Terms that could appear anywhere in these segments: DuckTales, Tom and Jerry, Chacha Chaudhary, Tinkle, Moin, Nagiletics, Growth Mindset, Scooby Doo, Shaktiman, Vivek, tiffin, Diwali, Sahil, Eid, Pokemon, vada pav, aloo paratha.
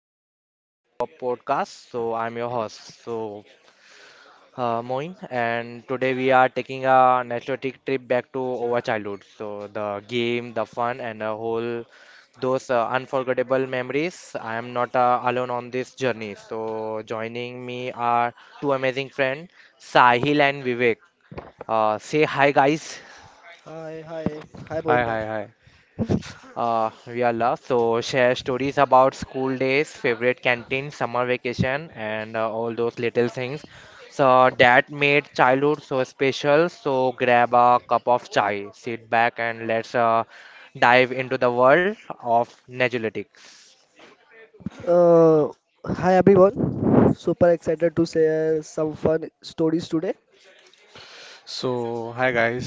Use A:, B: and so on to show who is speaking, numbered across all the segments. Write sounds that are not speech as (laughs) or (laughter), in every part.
A: welcome to our podcast. I'm your host, Moin, and today we are taking a nostalgic trip back to our childhood. So the game, the fun, and the whole those unforgettable memories. I am not alone on this journey. So joining me are two amazing friends, Sahil and Vivek. Say hi, guys.
B: Hi, hi, hi,
C: Hi,
B: Moin
C: hi,
B: bhai.
C: hi.
A: We are love. So share stories about school days, favorite canteen, summer vacation, and all those little things. So that made childhood so special. So grab a cup of chai, sit back, and let's dive into the world of Nagiletics.
B: Uh, Hi everyone. Super excited to share some fun stories today.
C: Hi guys.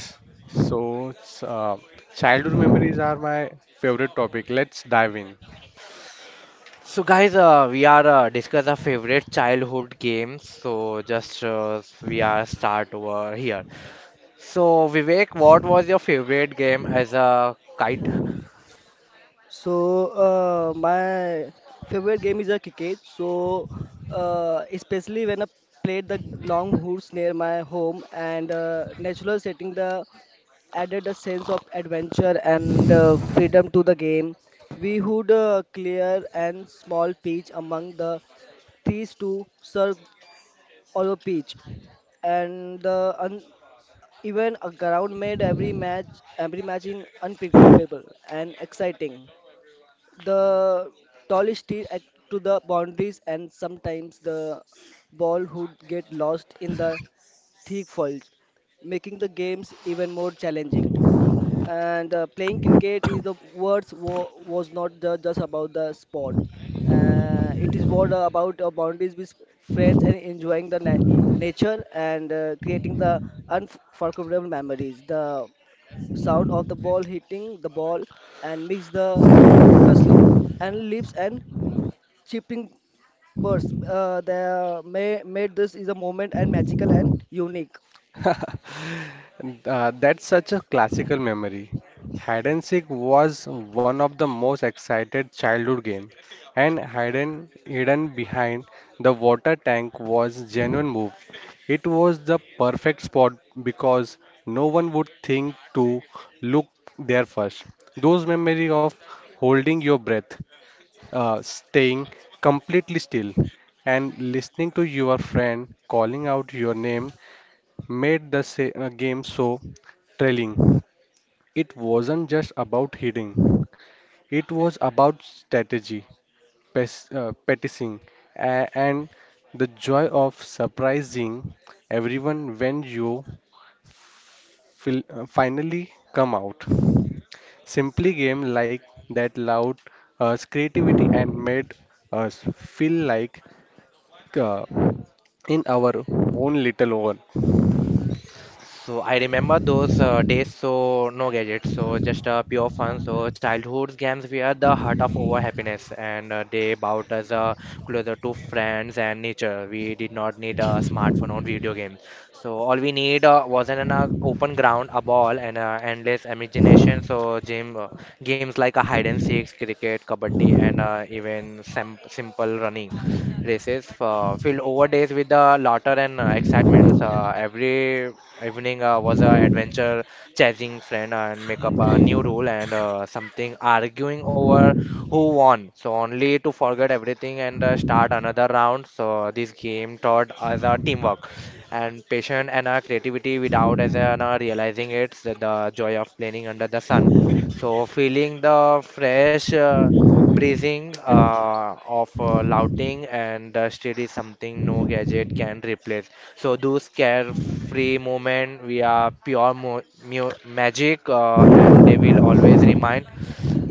C: So, s- uh, Childhood memories are my favorite topic. Let's dive in.
A: So guys, we are discuss our favorite childhood games. So just we are start over here. So Vivek, what was your favorite game as a kid?
B: So, my favorite game is a cricket. So, especially when I played the long hoops near my home and natural setting the added a sense of adventure and freedom to the game. We would clear and small pitch among the trees to serve our pitch and the even a ground made every match in unpredictable and exciting the tallest steel at to the boundaries, and sometimes the ball would get lost in the thick foliage, making the games even more challenging. And playing cricket is the words was not just about the sport. It is what about boundaries with friends and enjoying the nature, and creating the unforgettable memories, the sound of the ball hitting the ball and mix the rustling and leaves and chipping birds. The may made this is a moment and magical and unique.
C: (laughs) That's such a classical memory. Hide and seek was one of the most excited childhood game, and hidden behind the water tank was genuine move. It was the perfect spot because no one would think to look there first. Those memory of holding your breath, staying completely still, and listening to your friend calling out your name made the game so thrilling. It wasn't just about hitting, it was about strategy, petting, and the joy of surprising everyone when you finally come out. Simply game like that allowed us creativity and made us feel like uh, in our own little world.
A: So I remember those days, so no gadgets, so just pure fun. So childhood games were the heart of our happiness, and they brought us closer to friends and nature. We did not need a smartphone or video games. So all we need was an open ground, a ball, and endless imagination. So games like a hide and seek, cricket, kabaddi, and even simple running races filled over days with the laughter and excitements. Every evening was an adventure, chasing friend and make up a new rule and something arguing over who won. So only to forget everything and start another round. So this game taught us a teamwork and patience and creativity without as realizing it's the joy of playing under the sun. So feeling the fresh. Praising of louting and dusted is something no gadget can replace. So those carefree moment we are pure magic and they will always remind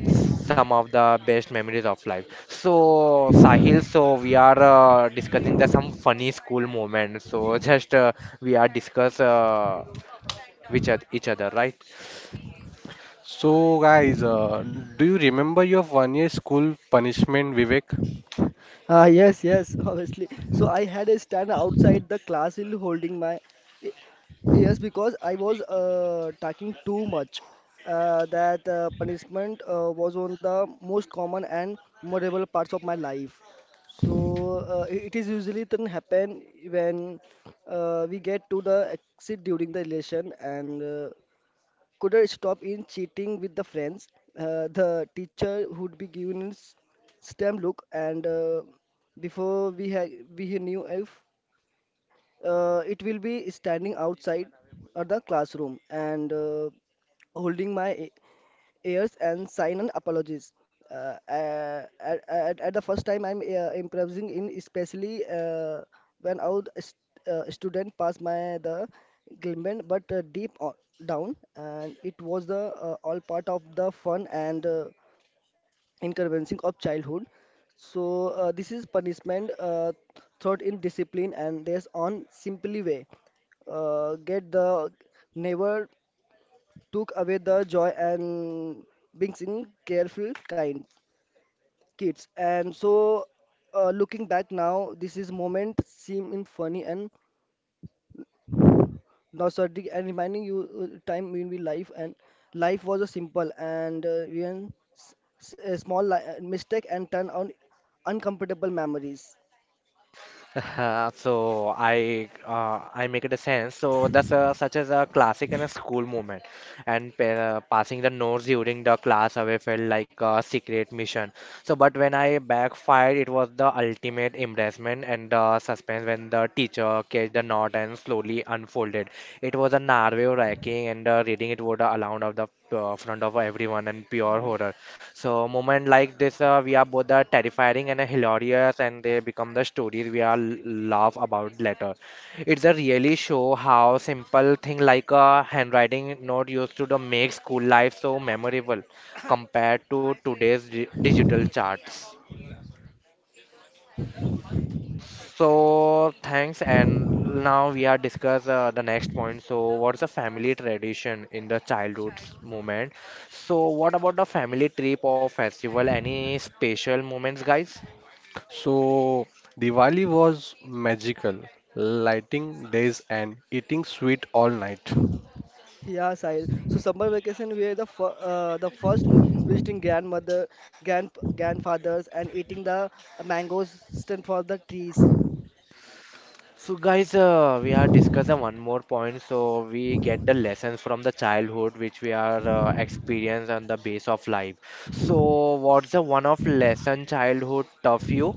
A: some of the best memories of life. So Sahil, so we are discussing the some funny school moments. So (laughs) just we are discuss which each other, right?
C: So, guys, do you remember your 1 year school punishment, Vivek?
B: Ah, yes, (laughs) obviously. So I had a stand outside the class hill holding my. eh, Yes, because I was talking too much. That punishment was one of the most common and memorable parts of my life. So it is usually then happen when we get to the exit during the election, and couldn't stop in cheating with the friends. The teacher would be giving us stem look, and before we had we knew if it will be standing outside of the classroom and holding my airs and sign an apologies. At the first time I'm improvising in, especially when out st student pass my the element, but down, and it was the all part of the fun and inconveniencing of childhood. So this is punishment thought in discipline, and there's on simply way get the never took away the joy and being in careful kind kids. And so looking back now, this is moment seem in funny and nostalgic and reminding you time in we life, and life was a simple and even a small mistake and turn on uncomfortable memories.
A: (laughs) So I make it a sense. So that's a, such as a classic and a school moment, and pa passing the notes during the class away felt like a secret mission. So but when I backfired, it was the ultimate embarrassment and the suspense when the teacher catch the knot and slowly unfolded. It was a nerve-wracking and reading it would aloud of the front of everyone and pure
B: Mm.
A: horror. So moment like this, we are both are terrifying and hilarious, and they become the stories we are laugh about later. It's a really show how simple thing like a handwriting note used to the make school life so memorable compared to today's di digital charts. So thanks, and now we are discuss the next point. So what's a family tradition in the childhood moment? So what about the family trip or festival? Any special moments, guys?
C: So, Diwali was magical, lighting days and eating sweet all night.
B: Yeah, Sahil. So summer vacation, we are the fir the first visiting grandmother, grandfathers, and eating the mangoes stand for the trees.
A: So guys, we are discuss one more point. So we get the lessons from the childhood which we are experience on the base of life. So what's the one of lesson childhood tough you?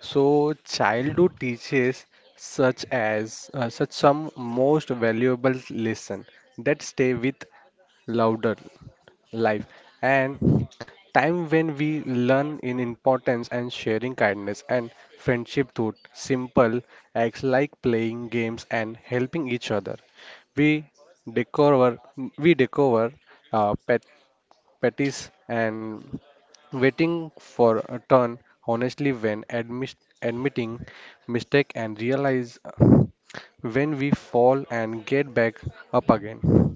C: So childhood teaches such some most valuable lesson that stay with louder life and time when we learn in importance and sharing kindness and friendship through simple acts like playing games and helping each other we discover we discover pet patties and waiting for a turn honestly when admitting mistake and realize when we fall and get back up again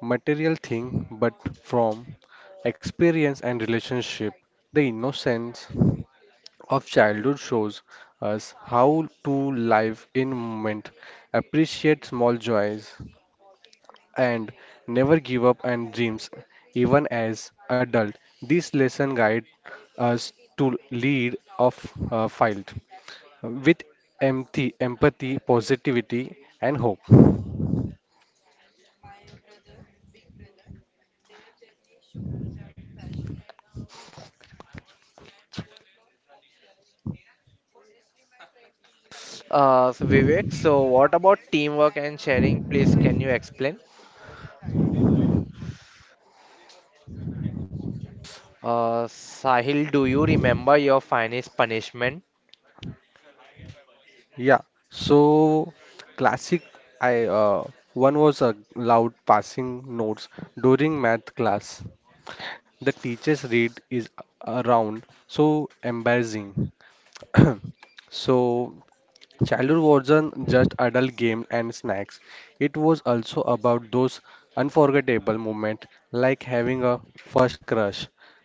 C: material thing but from experience and relationship the innocence of childhood shows us how to live in moment appreciate small joys and never give up on dreams even as adult this lesson guide us to lead of fight with empathy positivity and hope.
A: So Vivek, so what about teamwork and sharing? Please, can you explain? Sahil, do you remember your finest punishment?
C: Yeah, so classic I one was a loud passing notes during math class. The teacher's read is around so embarrassing. (clears throat) So childhood wasn't just adult game and snacks. It was also about those unforgettable moments like having a first crush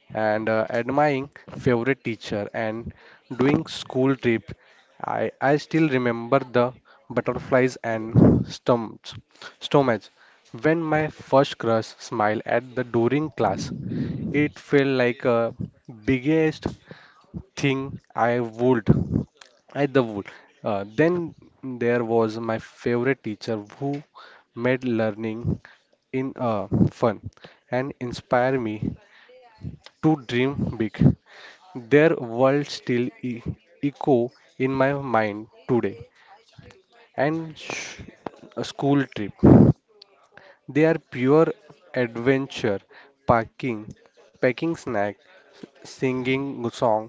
C: and admiring favorite teacher and doing school trip. I still remember the butterflies and stomachs when my first crush smiled at the during class. It felt like a biggest thing I would at the wood. Then there was my favorite teacher who made learning in fun and inspire me to dream big. Their words still echo in my mind today. And sh- a school trip. They are pure adventure, parking, packing snack, singing song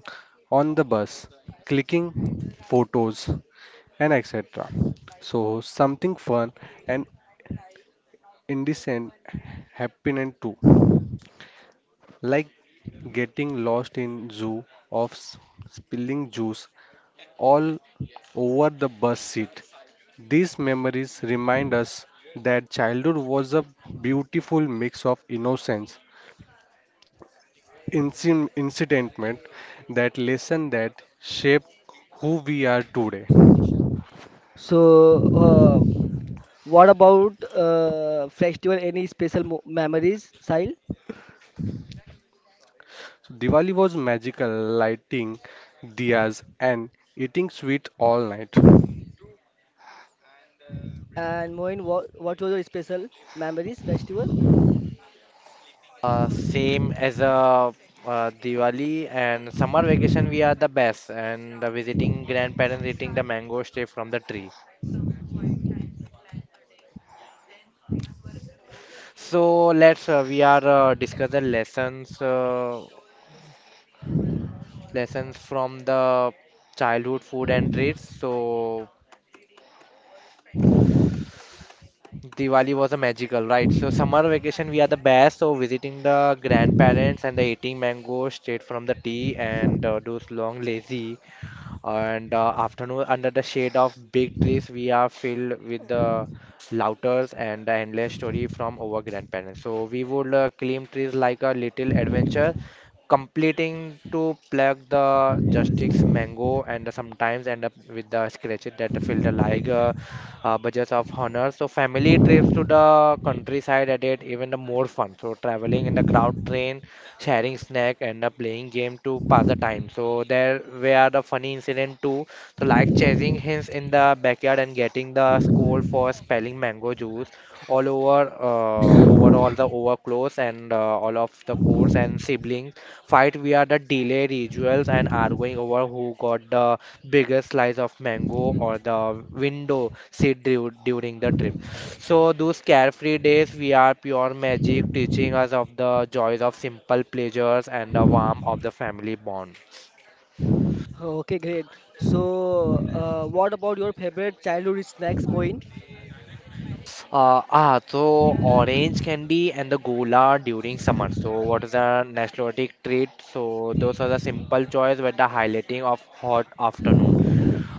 C: on the bus, clicking photos, and etc. So something fun and indecent happening too, like getting lost in zoo of spilling juice all over the bus seat. These memories remind us that childhood was a beautiful mix of innocence, incidentment, that lesson that shaped who we are today.
B: So, uh, what about festival? Any special mo memories, Sahil?
C: So Diwali was magical, lighting diyas and eating sweets all night.
B: And Moin, what was your special memories festival?
A: Same as Diwali and summer vacation, we are the best, and visiting grandparents eating the mango straight from the tree. So let's we are discuss the lessons from the childhood food and treats. So Diwali was a magical, right? So summer vacation we are the best. So visiting the grandparents and the eating mango straight from the tea and those long lazy. And afternoon, under the shade of big trees, we are filled with the louters and the endless story from our grandparents. So we would climb trees like a little adventure, completing to pluck the justice mango and sometimes end up with the scratches that fill the like budgets of honor. So family trips to the countryside added even the more fun. So traveling in the crowd train sharing snack and playing game to pass the time. So there were the funny incident too. So like chasing hens in the backyard and getting the scold for spelling mango juice all over clothes and all of the course and siblings fight via the delay rituals and arguing over who got the biggest slice of mango or the window seat during the trip. So those carefree days we are pure magic, teaching us of the joys of simple pleasures and the warmth of the family bond.
B: Okay, great. So, what about your favorite childhood snacks, Moin?
A: So orange candy and the gola during summer. So what is the nostalgic treat? So those are the simple joys with the highlighting of hot afternoon.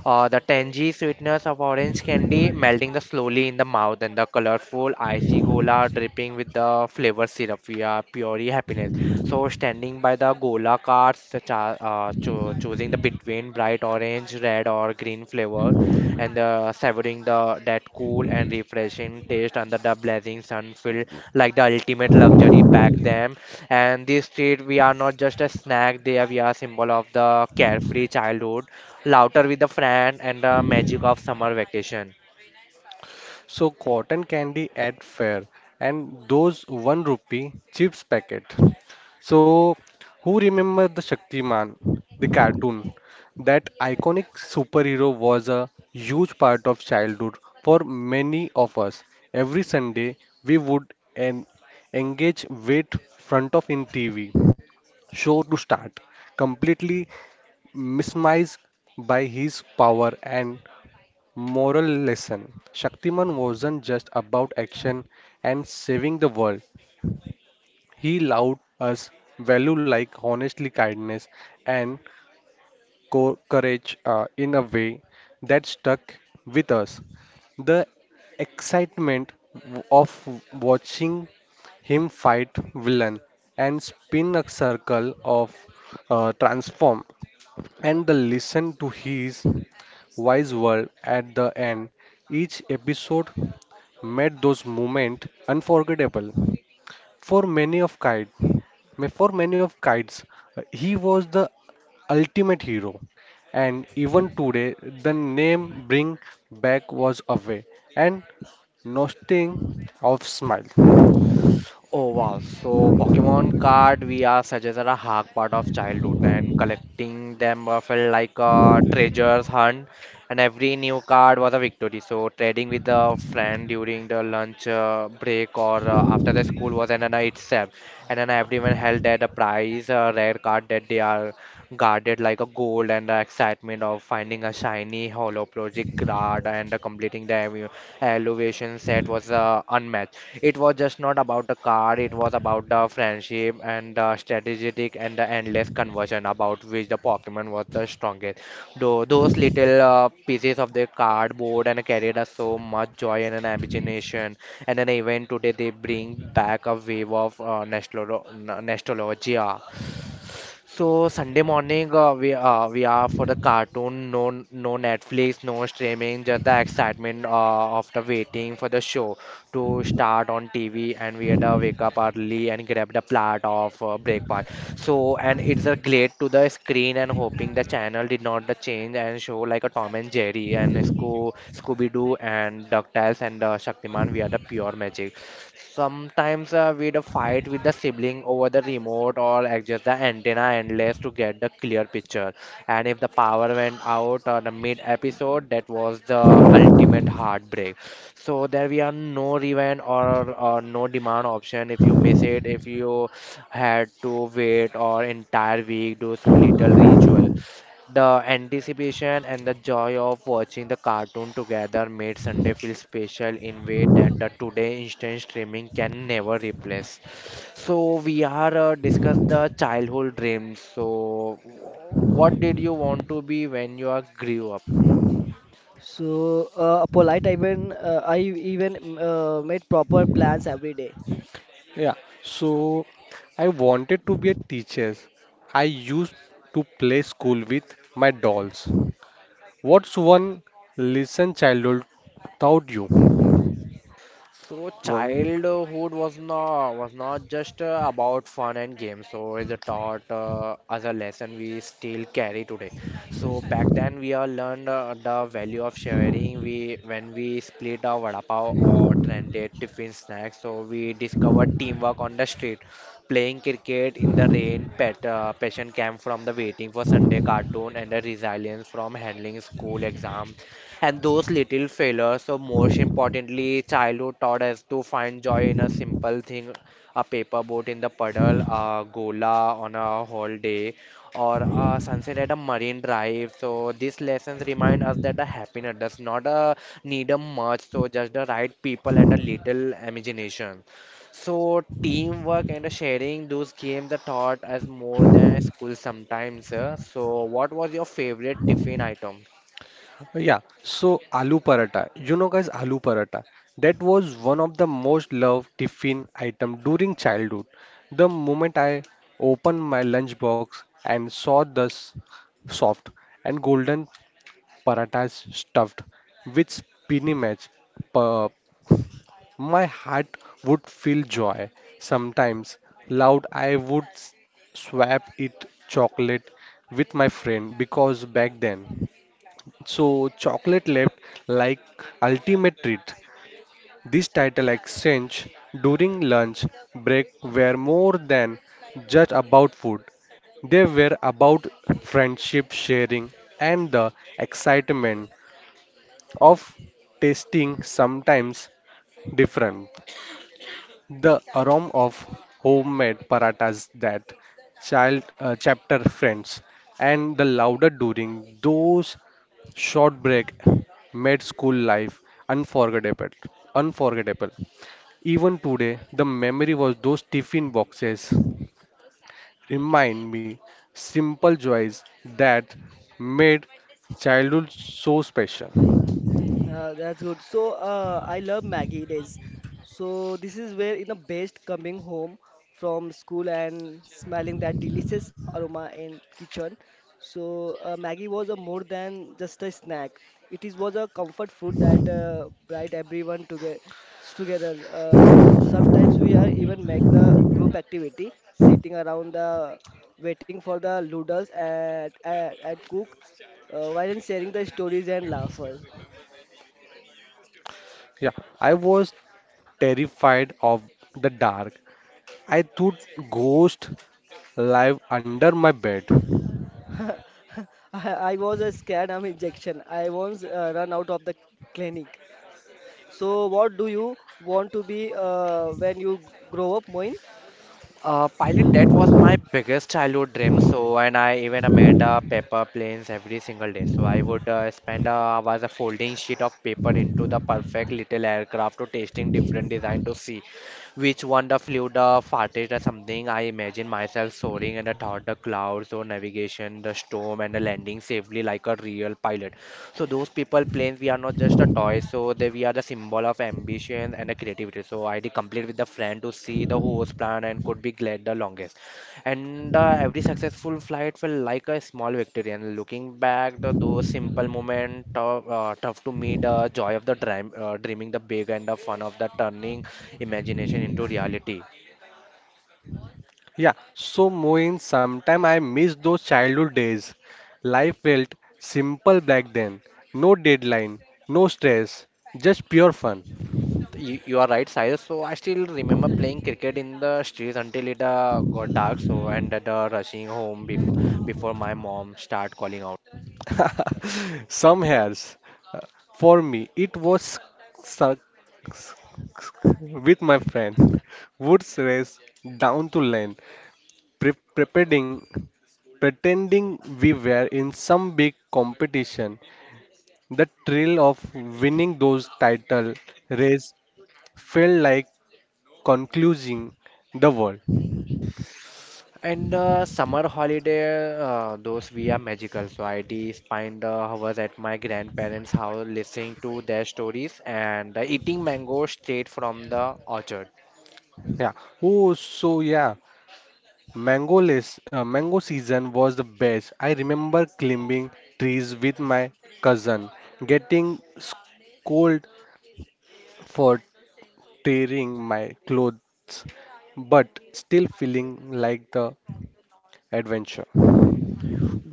A: The tangy sweetness of orange candy melting the slowly in the mouth and the colorful icy gola dripping with the flavor syrup. We are pure happiness. So standing by the gola carts, the choosing the between bright orange, red or green flavor and savoring the that cool and refreshing taste under the blazing sun feel like the ultimate luxury back then. And this street, we are not just a snack there, we are symbol of the carefree childhood Louder with a friend and the magic of summer vacation.
C: So cotton candy at fair and those one rupee chips packet. So who remember the Shaktiman, the cartoon? That iconic superhero was a huge part of childhood for many of us. Every Sunday, we would engage with front of in TV show to start, completely mesmerized by his power and moral lesson. Shaktiman wasn't just about action and saving the world. He allowed us value like honestly kindness and courage in a way that stuck with us. The excitement of watching him fight villain and spin a circle of transform and the listen to his wise word at the end each episode made those moments unforgettable for many of kite, for many of kites, he was the ultimate hero. And even today, the name bring back was away and nothing of smile.
A: Oh wow, so Pokemon card we are suggested a hard part of childhood and collecting them felt like a treasures hunt and every new card was a victory. So trading with a friend during the lunch break or after the school was an honor itself and then everyone held that a prize, a rare card that they are guarded like a gold and the excitement of finding a shiny hollow project card and completing the elevation set was unmatched. It was just not about the car, it was about the friendship and the strategic and the endless conversion about which the Pokemon was the strongest. Though those little pieces of the cardboard and carried us so much joy and an imagination. And then even today they bring back a wave of nostalgia. So Sunday morning, we are for the cartoon, no no Netflix, no streaming, just the excitement of the waiting for the show to start on TV, and we had to wake up early and grab the plate of breakfast. So and it's a glare to the screen and hoping the channel did not the change and show like a Tom and Jerry and Scooby Doo and DuckTales and Shaktiman. We are the pure magic. Sometimes we'd fight with the sibling over the remote or adjust the antenna endless to get the clear picture. And if the power went out on the mid episode, that was the ultimate heartbreak. So there we are no rewind or no demand option. If you miss it, if you had to wait or entire week, do so little ritual. The anticipation and the joy of watching the cartoon together made Sunday feel special in way that the today instant streaming can never replace. So we are discuss the childhood dreams. So what did you want to be when you are grew up?
B: So, polite even I even made proper plans every day.
C: Yeah, so I wanted to be a teacher. I used to play school with my dolls. What's one lesson childhood taught you,
A: So
C: Moin?
A: childhood was not just about fun and games. So is a taught as a lesson we still carry today. So back then we all learned the value of sharing. We when we split our vada pav or trended tiffin snacks. So we discovered teamwork on the street, playing cricket in the rain, pet passion camp from the waiting for Sunday cartoon, and the resilience from handling school exams. And those little failures, or most importantly, childhood taught us to find joy in a simple thing, a paper boat in the puddle, a gola on a holiday, or a sunset at a marine drive. So these lessons remind us that the happiness does not need a much, so just the right people and a little imagination. So teamwork and the sharing, those games are taught as more than school sometimes. So what was your favorite tiffin item?
C: Yeah, so aloo paratha, you know guys, aloo paratha, that was one of the most loved tiffin item during childhood. The moment I opened my lunchbox and saw this soft and golden parathas stuffed with spinach, pa- my heart would feel joy. Sometimes loud I would swap it chocolate with my friend because back then. So, chocolate left like ultimate treat. This title exchange during lunch break were more than just about food. They were about friendship sharing and the excitement of tasting sometimes different. The aroma of homemade paratas that child chapter friends and the louder during those short break made school life unforgettable unforgettable. Even today the memory was those tiffin boxes remind me simple joys that made childhood so special.
B: That's good. So I love Maggie days. So this is where in the best coming home from school and smelling that delicious aroma in kitchen. So Maggie was a more than just a snack. It is was a comfort food that brought everyone together. Together, sometimes we are even make the group activity, sitting around the waiting for the noodles at cook, while sharing the stories and laughter.
C: Yeah, I was terrified of the dark. I thought ghosts live under my bed.
B: (laughs) I was a scared arm injection. I once run out of the clinic. So, what do you want to be when you grow up, Moin?
A: Pilot, that was my biggest childhood dream. So, and I even made paper planes every single day. So, I would spend was a folding sheet of paper into the perfect little aircraft to testing different design to see which one the flew the farthest or something. I imagine myself soaring and I thought the clouds or navigation, the storm and the landing safely like a real pilot. So those people playing, we are not just a toy. So they we are the symbol of ambition and the creativity. So I did complete with the friend to see the host plan and could be glad the longest. And every successful flight felt like a small victory. And looking back, the those simple moment tough to meet the joy of the dream, dreaming the big and the fun of the turning imagination into reality.
C: Yeah, so Moin, sometime I miss those childhood days. Life felt simple back then. No deadline, no stress, just pure fun.
A: You are right, Sahil. So I still remember playing cricket in the streets until it got dark. So and rushing home before my mom start calling out.
C: (laughs) Some hairs. uh, For me, it was cir- with my friend. Woods race down to lane, pre- pretending, pretending we were in some big competition. The thrill of winning those title race felt like concluding the world.
A: And summer holiday, those we are magical. So I did spend hours at my grandparents' house listening to their stories and eating mango straight from the orchard.
C: Yeah. Oh, so yeah, mango season was the best. I remember climbing trees with my cousin, getting scolded for tearing my clothes, but still feeling like the adventure.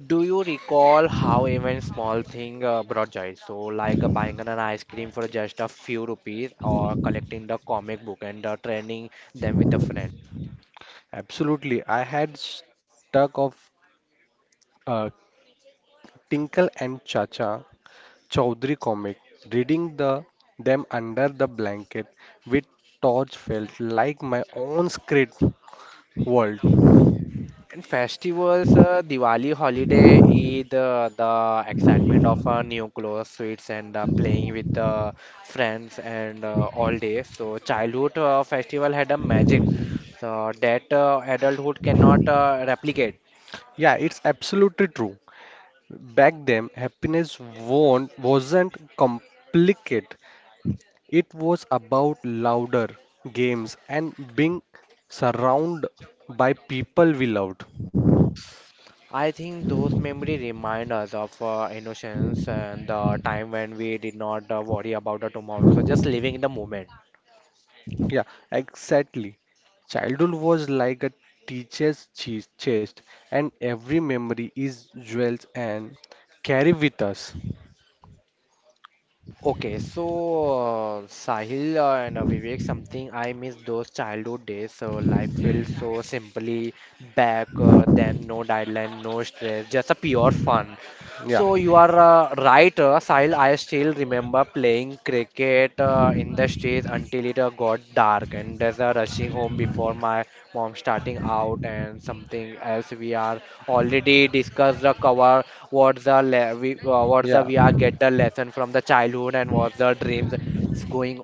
A: Do you recall how even small thing brought joy? So, like buying an ice cream for just a few rupees, or collecting the comic book and training them with a friend.
C: Absolutely, I had stuck of uh, Tinkle and Chacha Chaudhary comic. Reading the them under the blanket with torch felt like my own script world.
A: And festivals, Diwali holiday, Eid, the excitement of new clothes, sweets, and playing with the friends and all day. So, childhood festival had a magic so that adulthood cannot replicate.
C: Yeah, it's absolutely true. Back then, happiness won't, wasn't complicated. It was about louder games and being surrounded by people we loved.
A: I think those memories remind us of innocence and the time when we did not worry about the tomorrow, so just living in the moment.
C: Yeah, exactly. Childhood was like a teacher's chest, and every memory is jewels and carry with us.
A: Okay, so Sahil and Vivek, something I miss those childhood days. So life feels so simply back then, no deadline, no stress, just a pure fun.
C: Yeah,
A: So you are right, Sahil. I still remember playing cricket in the streets until it got dark, and there's a rushing home before my mom starting out and something else. We are already discussed the cover. What's
C: yeah,
A: the we are get the lesson from the childhood and what's the dreams is going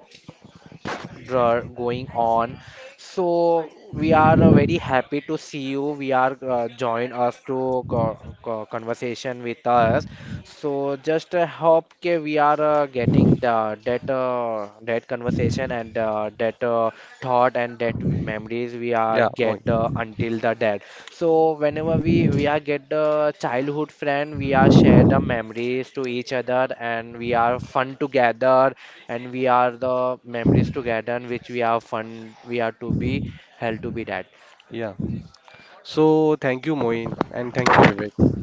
A: going on. So we are very happy to see you. We are join us to conversation with us. So just hope okay, we are getting the that that conversation and that thought and that memories we are
C: yeah, Moin.
A: get until the death. So whenever we are get the childhood friend, we are share the memories to each other and we are fun together and we are the memories together and which we are fun we are to be held to be that.
C: Yeah. So thank you, Moin, and thank you, Vivek.